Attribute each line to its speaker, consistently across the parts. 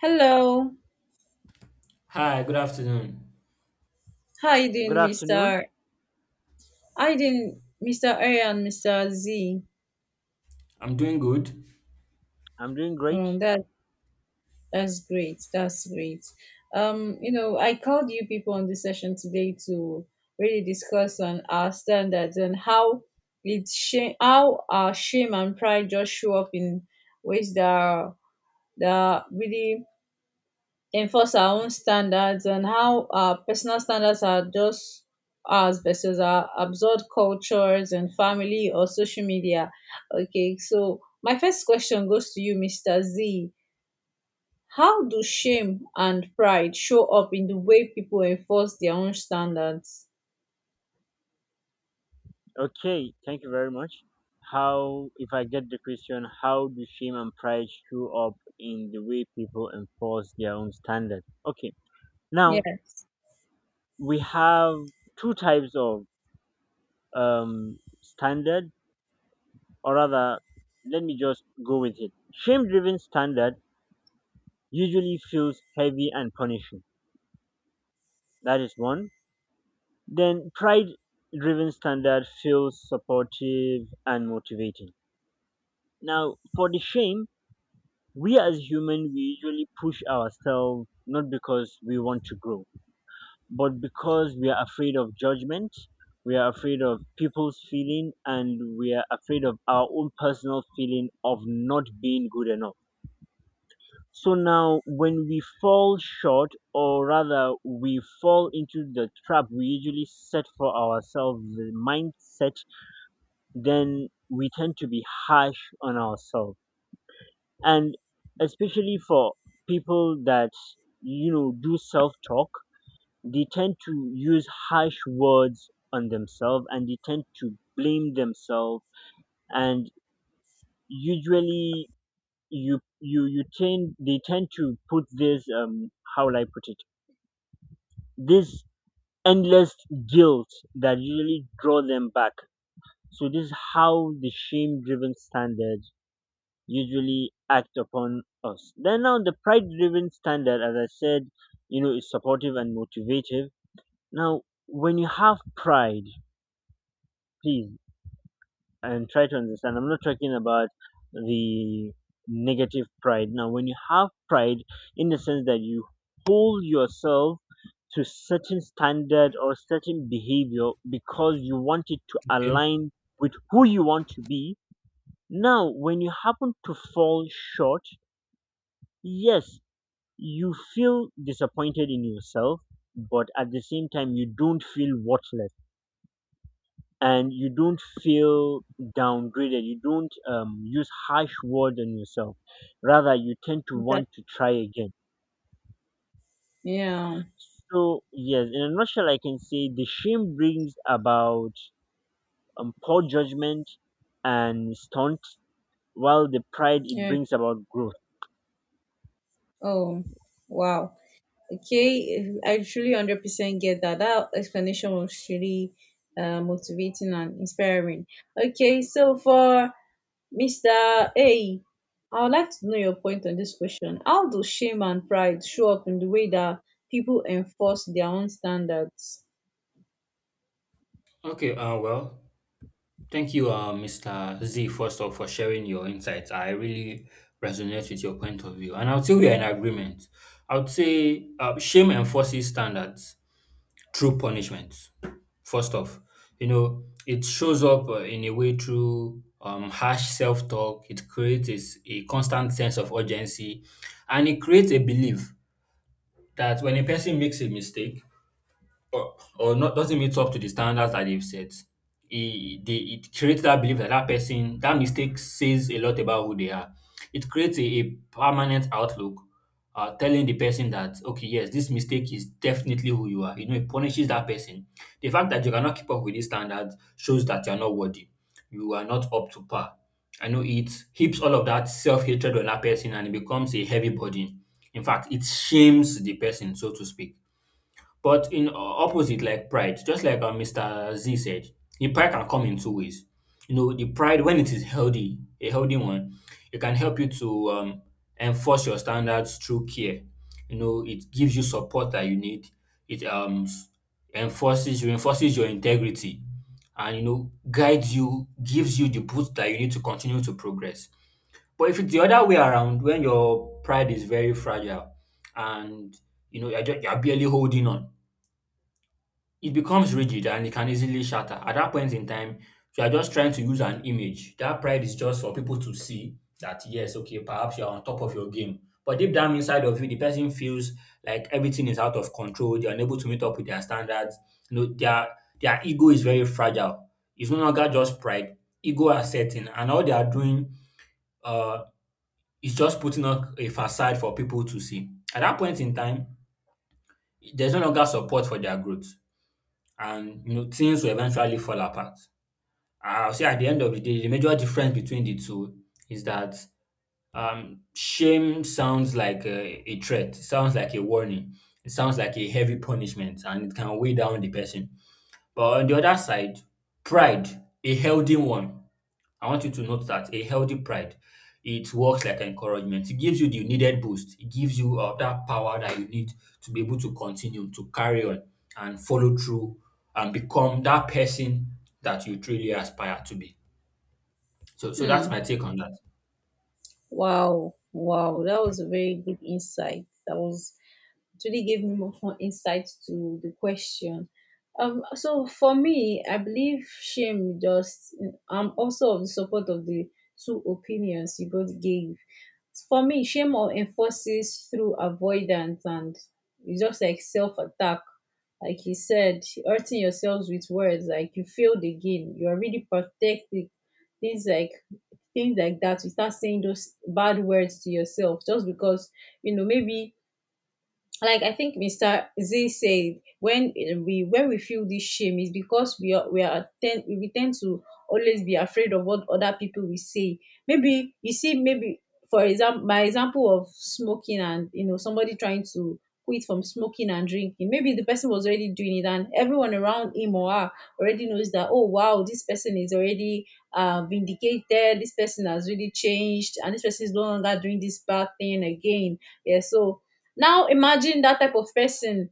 Speaker 1: Hello.
Speaker 2: Hi, good afternoon.
Speaker 1: How you
Speaker 3: Good
Speaker 1: doing,
Speaker 3: afternoon.
Speaker 1: Mr.? I didn't. Mr. A and Mr. Z.
Speaker 2: I'm doing good.
Speaker 3: I'm doing great.
Speaker 1: Um that that's great. That's great. I called you people on this session today to really discuss on our standards and how it's shame how our shame and pride just show up in ways that are really enforce our own standards and how our personal standards are just ours versus our absurd cultures and family or social media. Okay, so my first question goes to you, Mr. Z. How do shame and pride show up in the way people enforce their own standards?
Speaker 3: Okay, thank you very much. How, if I get the question, how do shame and pride show up in the way people enforce their own standard? Okay, now
Speaker 1: Yes.
Speaker 3: we have two types of standard, or rather, let me just go with it. Shame driven standard usually feels heavy and punishing. That is one. Then pride driven standard feels supportive and motivating. Now, for the shame, we as human we usually push ourselves not because we want to grow, but because we are afraid of judgment, we are afraid of people's feeling, and we are afraid of our own personal feeling of not being good enough. So now, when we fall short, or rather, we fall into the trap we usually set for ourselves, the mindset, then we tend to be harsh on ourselves, and especially for people that, you know, do self talk. They tend to use harsh words on themselves and they tend to blame themselves, and usually you you you tend they tend to put this, how will I put it, this endless guilt that usually draw them back. So this is how the shame driven standard usually act upon us. Then now the pride driven standard, as I said, you know, is supportive and motivative. Now, when you have pride, please and try to understand. I'm not talking about the negative pride. Now, when you have pride in the sense that you hold yourself to certain standard or certain behavior because you want it to
Speaker 2: Okay.
Speaker 3: align with who you want to be. Now, when you happen to fall short, yes, you feel disappointed in yourself, but at the same time, you don't feel worthless and you don't feel downgraded. You don't use harsh words on yourself. Rather, you tend to want
Speaker 1: Exactly.
Speaker 3: to try again.
Speaker 1: Yeah.
Speaker 3: So, yes, in a nutshell, I can say the shame brings about poor judgment and stunt, while the pride it
Speaker 1: Yeah.
Speaker 3: brings about growth.
Speaker 1: Oh, wow. Okay, I truly 100% get that. That explanation was really motivating and inspiring. Okay, so for Mr. A, I would like to know your point on this question. How do shame and pride show up in the way that people enforce their own standards?
Speaker 2: Okay, thank you, Mr. Z, first off, for sharing your insights. I really resonate with your point of view. And I would say we are in agreement. I would say shame enforces standards through punishment, first off. You know, it shows up in a way through harsh self talk. It creates a, a constant sense of urgency, and it creates a belief that when a person makes a mistake, or not doesn't meet up to the standards that they've set. It creates that belief that that person, that mistake says a lot about who they are. It creates a permanent outlook, telling the person that, okay, yes, this mistake is definitely who you are. You know, it punishes that person. The fact that you cannot keep up with these standards shows that you are not worthy. You are not up to par. I know it heaps all of that self hatred on that person and it becomes a heavy burden. In fact, it shames the person, so to speak, but in opposite, like pride, just like Mr. Z said, the pride can come in two ways. You know, the pride, when it is healthy, a healthy one, it can help you to enforce your standards through care. You know, it gives you support that you need. It enforces, reinforces your integrity and, you know, guides you, gives you the boost that you need to continue to progress. But if it's the other way around, when your pride is very fragile and, you know, you're barely holding on, it becomes rigid and it can easily shatter. At that point in time, you are just trying to use an image. That pride is just for people to see that, yes, okay, perhaps you are on top of your game. But deep down inside of you, the person feels like everything is out of control. They are unable to meet up with their standards. You know, their ego is very fragile. It's no longer just pride. Ego are setting, and all they are doing uh, is just putting up a facade for people to see. At that point in time, there's no longer support for their growth, and you know things will eventually fall apart. I'll say at the end of the day, the major difference between the two is that shame sounds like a threat, it sounds like a warning, it sounds like a heavy punishment, and it can weigh down the person. But on the other side, pride, a healthy one, I want you to note that a healthy pride, it works like encouragement. It gives you the needed boost. It gives you that power that you need to be able to continue, to carry on and follow through and become that person that you truly aspire to be. So that's
Speaker 1: Hmm.
Speaker 2: my take on that.
Speaker 1: Wow. Wow. That was a very good insight. That was It really gave me more insight to the question. So for me, I believe I'm also of the support of the two opinions you both gave. For me, shame or enforces through avoidance, and it's just like self attack. Like you said, hurting yourselves with words, like, you failed again. You are really protecting. Things like things like that. You start saying those bad words to yourself just because maybe, like I think Mr. Z said, when we feel this shame, is because we tend to always be afraid of what other people will say. Maybe you see, maybe, for example, my example of smoking, and somebody trying to quit from smoking and drinking. Maybe the person was already doing it, and everyone around him or her already knows that. Oh wow, this person is already vindicated. This person has really changed, and this person is no longer doing this bad thing again. Yeah, so now imagine that type of person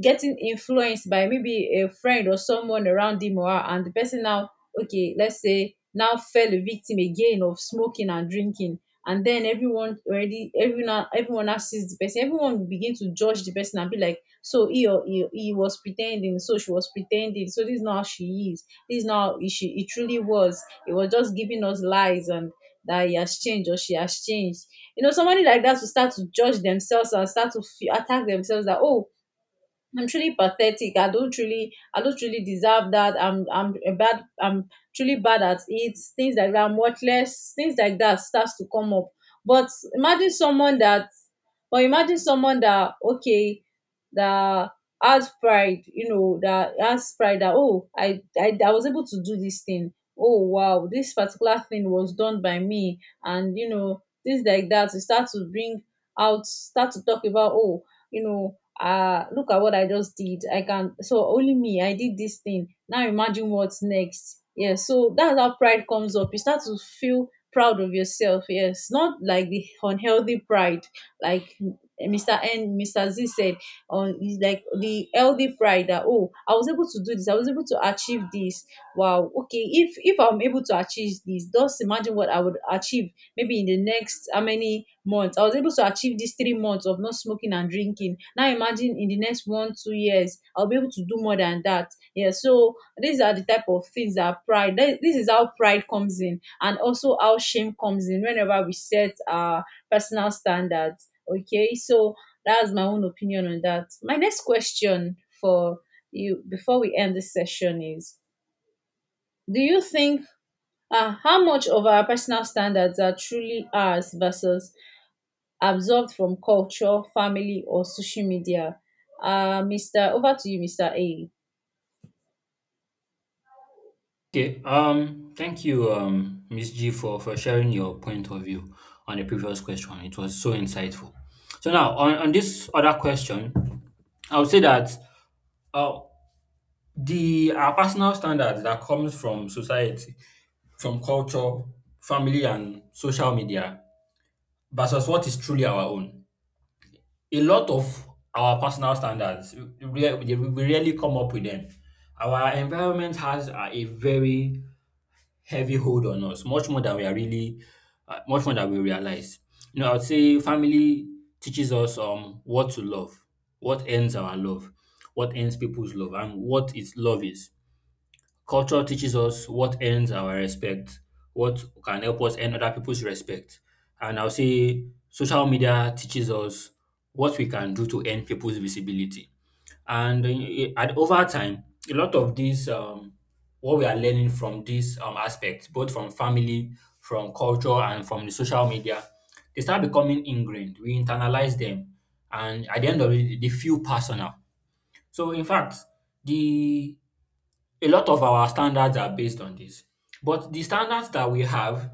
Speaker 1: getting influenced by maybe a friend or someone around him or her, and the person now, okay, let's say, now fell a victim again of smoking and drinking, and then everyone already everyone everyone now sees the person. Everyone will begin to judge the person and be like, so he was pretending, so she was pretending, so this is not how she is, this is not how she it truly was. It was just giving us lies and that he has changed or she has changed. Somebody like that will start to judge themselves and start to fe attack themselves, that, oh, I'm truly pathetic. I don't really deserve that. I'm truly bad at it. Things like that. I'm worthless. Things like that starts to come up. But imagine someone that, or imagine someone that, okay, that has pride. You know, that has pride. That, oh, I was able to do this thing. Oh wow, this particular thing was done by me. And, you know, things like that. You start to bring out, start to talk about, oh, you know look at what I just did. I can So only me, I did this thing. Now imagine what's next. Yes, so that's how pride comes up. You start to feel proud of yourself, yes, not like the unhealthy pride, like Mr. Z said, on is like the healthy pride. That, oh, I was able to do this, I was able to achieve this. Wow, okay, if I'm able to achieve this, just imagine what I would achieve maybe in the next how many months. I was able to achieve these 3 months of not smoking and drinking. Now imagine in the next one two years, I'll be able to do more than that. Yeah, so these are the type of things that this is how pride comes in, and also how shame comes in whenever we set our personal standards. Okay, so that's my own opinion on that. My next question for you before we end this session is, do you think, how much of our personal standards are truly ours versus absorbed from culture, family, or social media? Uh, Mr. Over to you, Mr. A.
Speaker 2: Okay. Thank you, Miss G, for sharing your point of view on the previous question. It was so insightful. So now on this other question, I would say that uh, The our personal standards that comes from society, from culture, family and social media versus what is truly our own. A lot of our personal standards, we rarely come up with them. Our environment has a very heavy hold on us, much more than we are really, much more than we realize. You know, I would say family teaches us what to love, what ends our love, what ends people's love, and what its love is. Culture teaches us what earns our respect, what can help us earn other people's respect. And I'll say social media teaches us what we can do to earn people's visibility. And eh, at over time, a lot of these what we are learning from these aspects, both from family, from culture, and from the social media, they start becoming ingrained. We internalize them, and at the end of it, they feel personal. So in fact, the a lot of our standards are based on this. But the standards that we have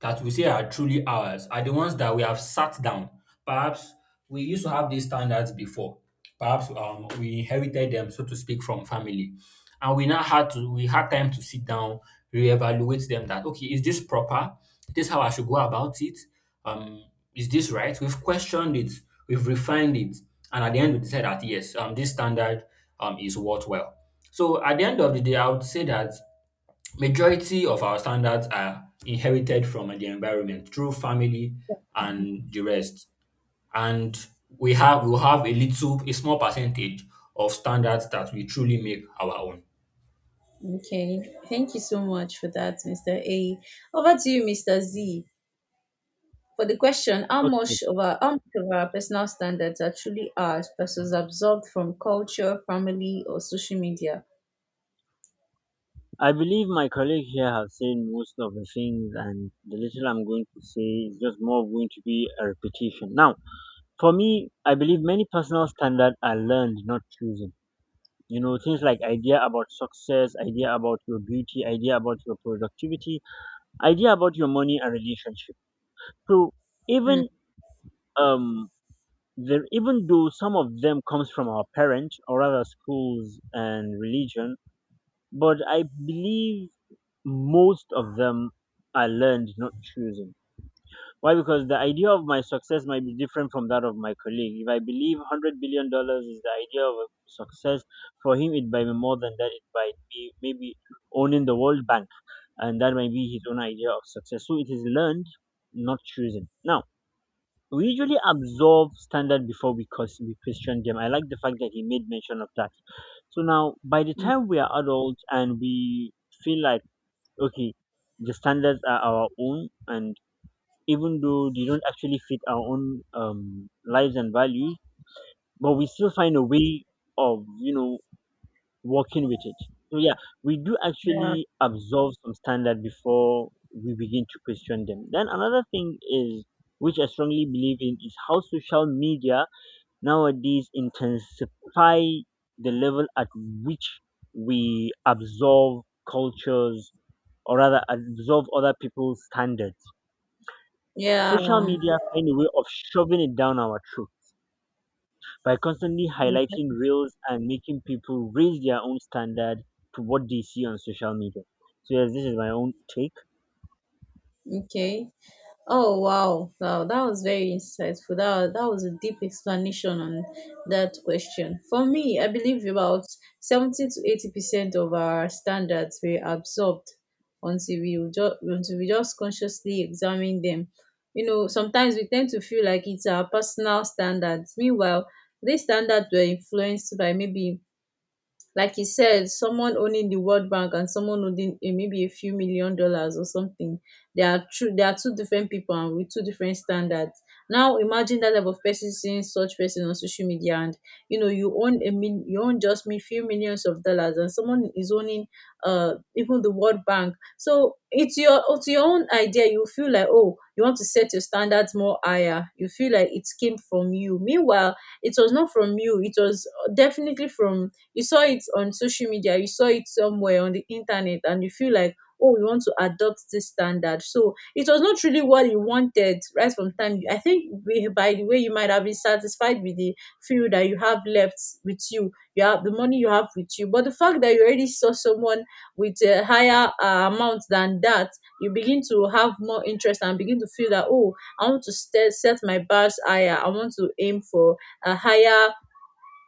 Speaker 2: that we say are truly ours are the ones that we have sat down. Perhaps we used to have these standards before. Perhaps we inherited them, so to speak, from family, and we now had to we had time to sit down, reevaluate them. That, okay, is this proper? Is this how I should go about it? um is this right? We've questioned it, we've refined it, and at the end we decide that, yes, this standard is worthwhile. So at the end of the day, I would say that majority of our standards are inherited from the environment through family and the rest, and we will have a small percentage of standards that we truly make our own.
Speaker 1: Okay, thank you so much for that, Mr. A. Over to you, Mr. Z, for the question:
Speaker 3: Okay.
Speaker 1: how much of our personal standards are truly ours versus absorbed from culture, family, or social media?
Speaker 3: I believe my colleague here have said most of the things, and the little I'm going to say is just more of going to be a repetition. Now, for me, I believe many personal standards are learned, not chosen. You know, things like idea about success, idea about your beauty, idea about your productivity, idea about your money and relationship. So
Speaker 1: Hmm.
Speaker 3: even um, even though some of them comes from our parents or other schools and religion, but I believe most of them are learned, not chosen. Why? Because the idea of my success might be different from that of my colleague. If I believe $100 billion dollars is the idea of success, for him it might be more than that. It might be maybe owning the World Bank, and that might be his own idea of success. So it is learned, not chosen. Now, we usually absorb standard before we, cause, we question them. I like the fact that he made mention of that. So now, by the
Speaker 1: Hmm.
Speaker 3: time we are adults and we feel like okay, the standards are our own, and even though they don't actually fit our own lives and values, but we still find a way of, you know, working with it. So yeah, we do
Speaker 1: Yeah.
Speaker 3: actually absorb some standard before we begin to question them. Then another thing is, which I strongly believe in, is how social media nowadays intensify the level at which we absorb cultures or rather absorb other people's standards.
Speaker 1: Yeah.
Speaker 3: Social media find a way of shoving it down our throat by constantly highlighting reels and making people raise their own standard to what they see on social media. So yes, this is my own take.
Speaker 1: Okay. Oh wow, wow, that was very insightful. That was a deep explanation on that question. For me, I believe about 70 to 80% of our standards were absorbed until until we just consciously examine them. You know, sometimes we tend to feel like it's our personal standards. Meanwhile, these standards were influenced by, maybe like you said, someone owning the World Bank and someone owning a, maybe a few million dollars or something. They are true. They are two different people and with two different standards. Now imagine that level of person seeing such person on social media, and, you know, you own a you own just me few millions of dollars, and someone is owning even the World Bank. So it's your own idea. You feel like, oh, you want to set your standards more higher. You feel like it came from you. Meanwhile, it was not from you. It was definitely from, you saw it on social media, you saw it somewhere on the internet, and you feel like, oh, we want to adopt this standard. So it was not really what you wanted right from time. I think by the way, you might have been satisfied with the few that you have left with you. You have the money you have with you, but the fact that you already saw someone with a higher amount than that, you begin to have more interest and begin to feel that, oh, I want to set my bars higher. I want to aim for a higher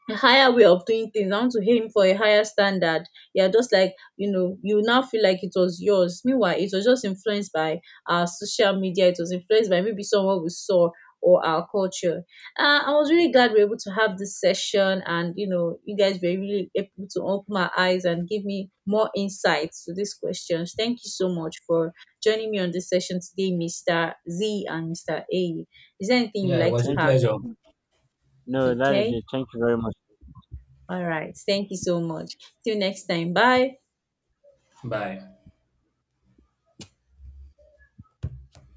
Speaker 1: a higher way of doing things. I want to aim for a higher standard. Yeah, just like, you now feel like it was yours. Meanwhile, it was just influenced by our social media. It was influenced by maybe someone we saw or our culture. I was really glad we were able to have this session, and, you know, you guys were really able to open my eyes and give me more insights to these questions. Thank you so much for joining me on this session today, Mister Z and Mister A. Is there anything you would
Speaker 2: Yeah, it
Speaker 1: like
Speaker 2: was
Speaker 1: to
Speaker 2: a
Speaker 3: Thank
Speaker 1: add?
Speaker 2: pleasure.
Speaker 3: no, that is
Speaker 1: Okay.
Speaker 3: it. Thank you very much.
Speaker 1: All right. Thank you so much. Till next time. Bye.
Speaker 2: Bye.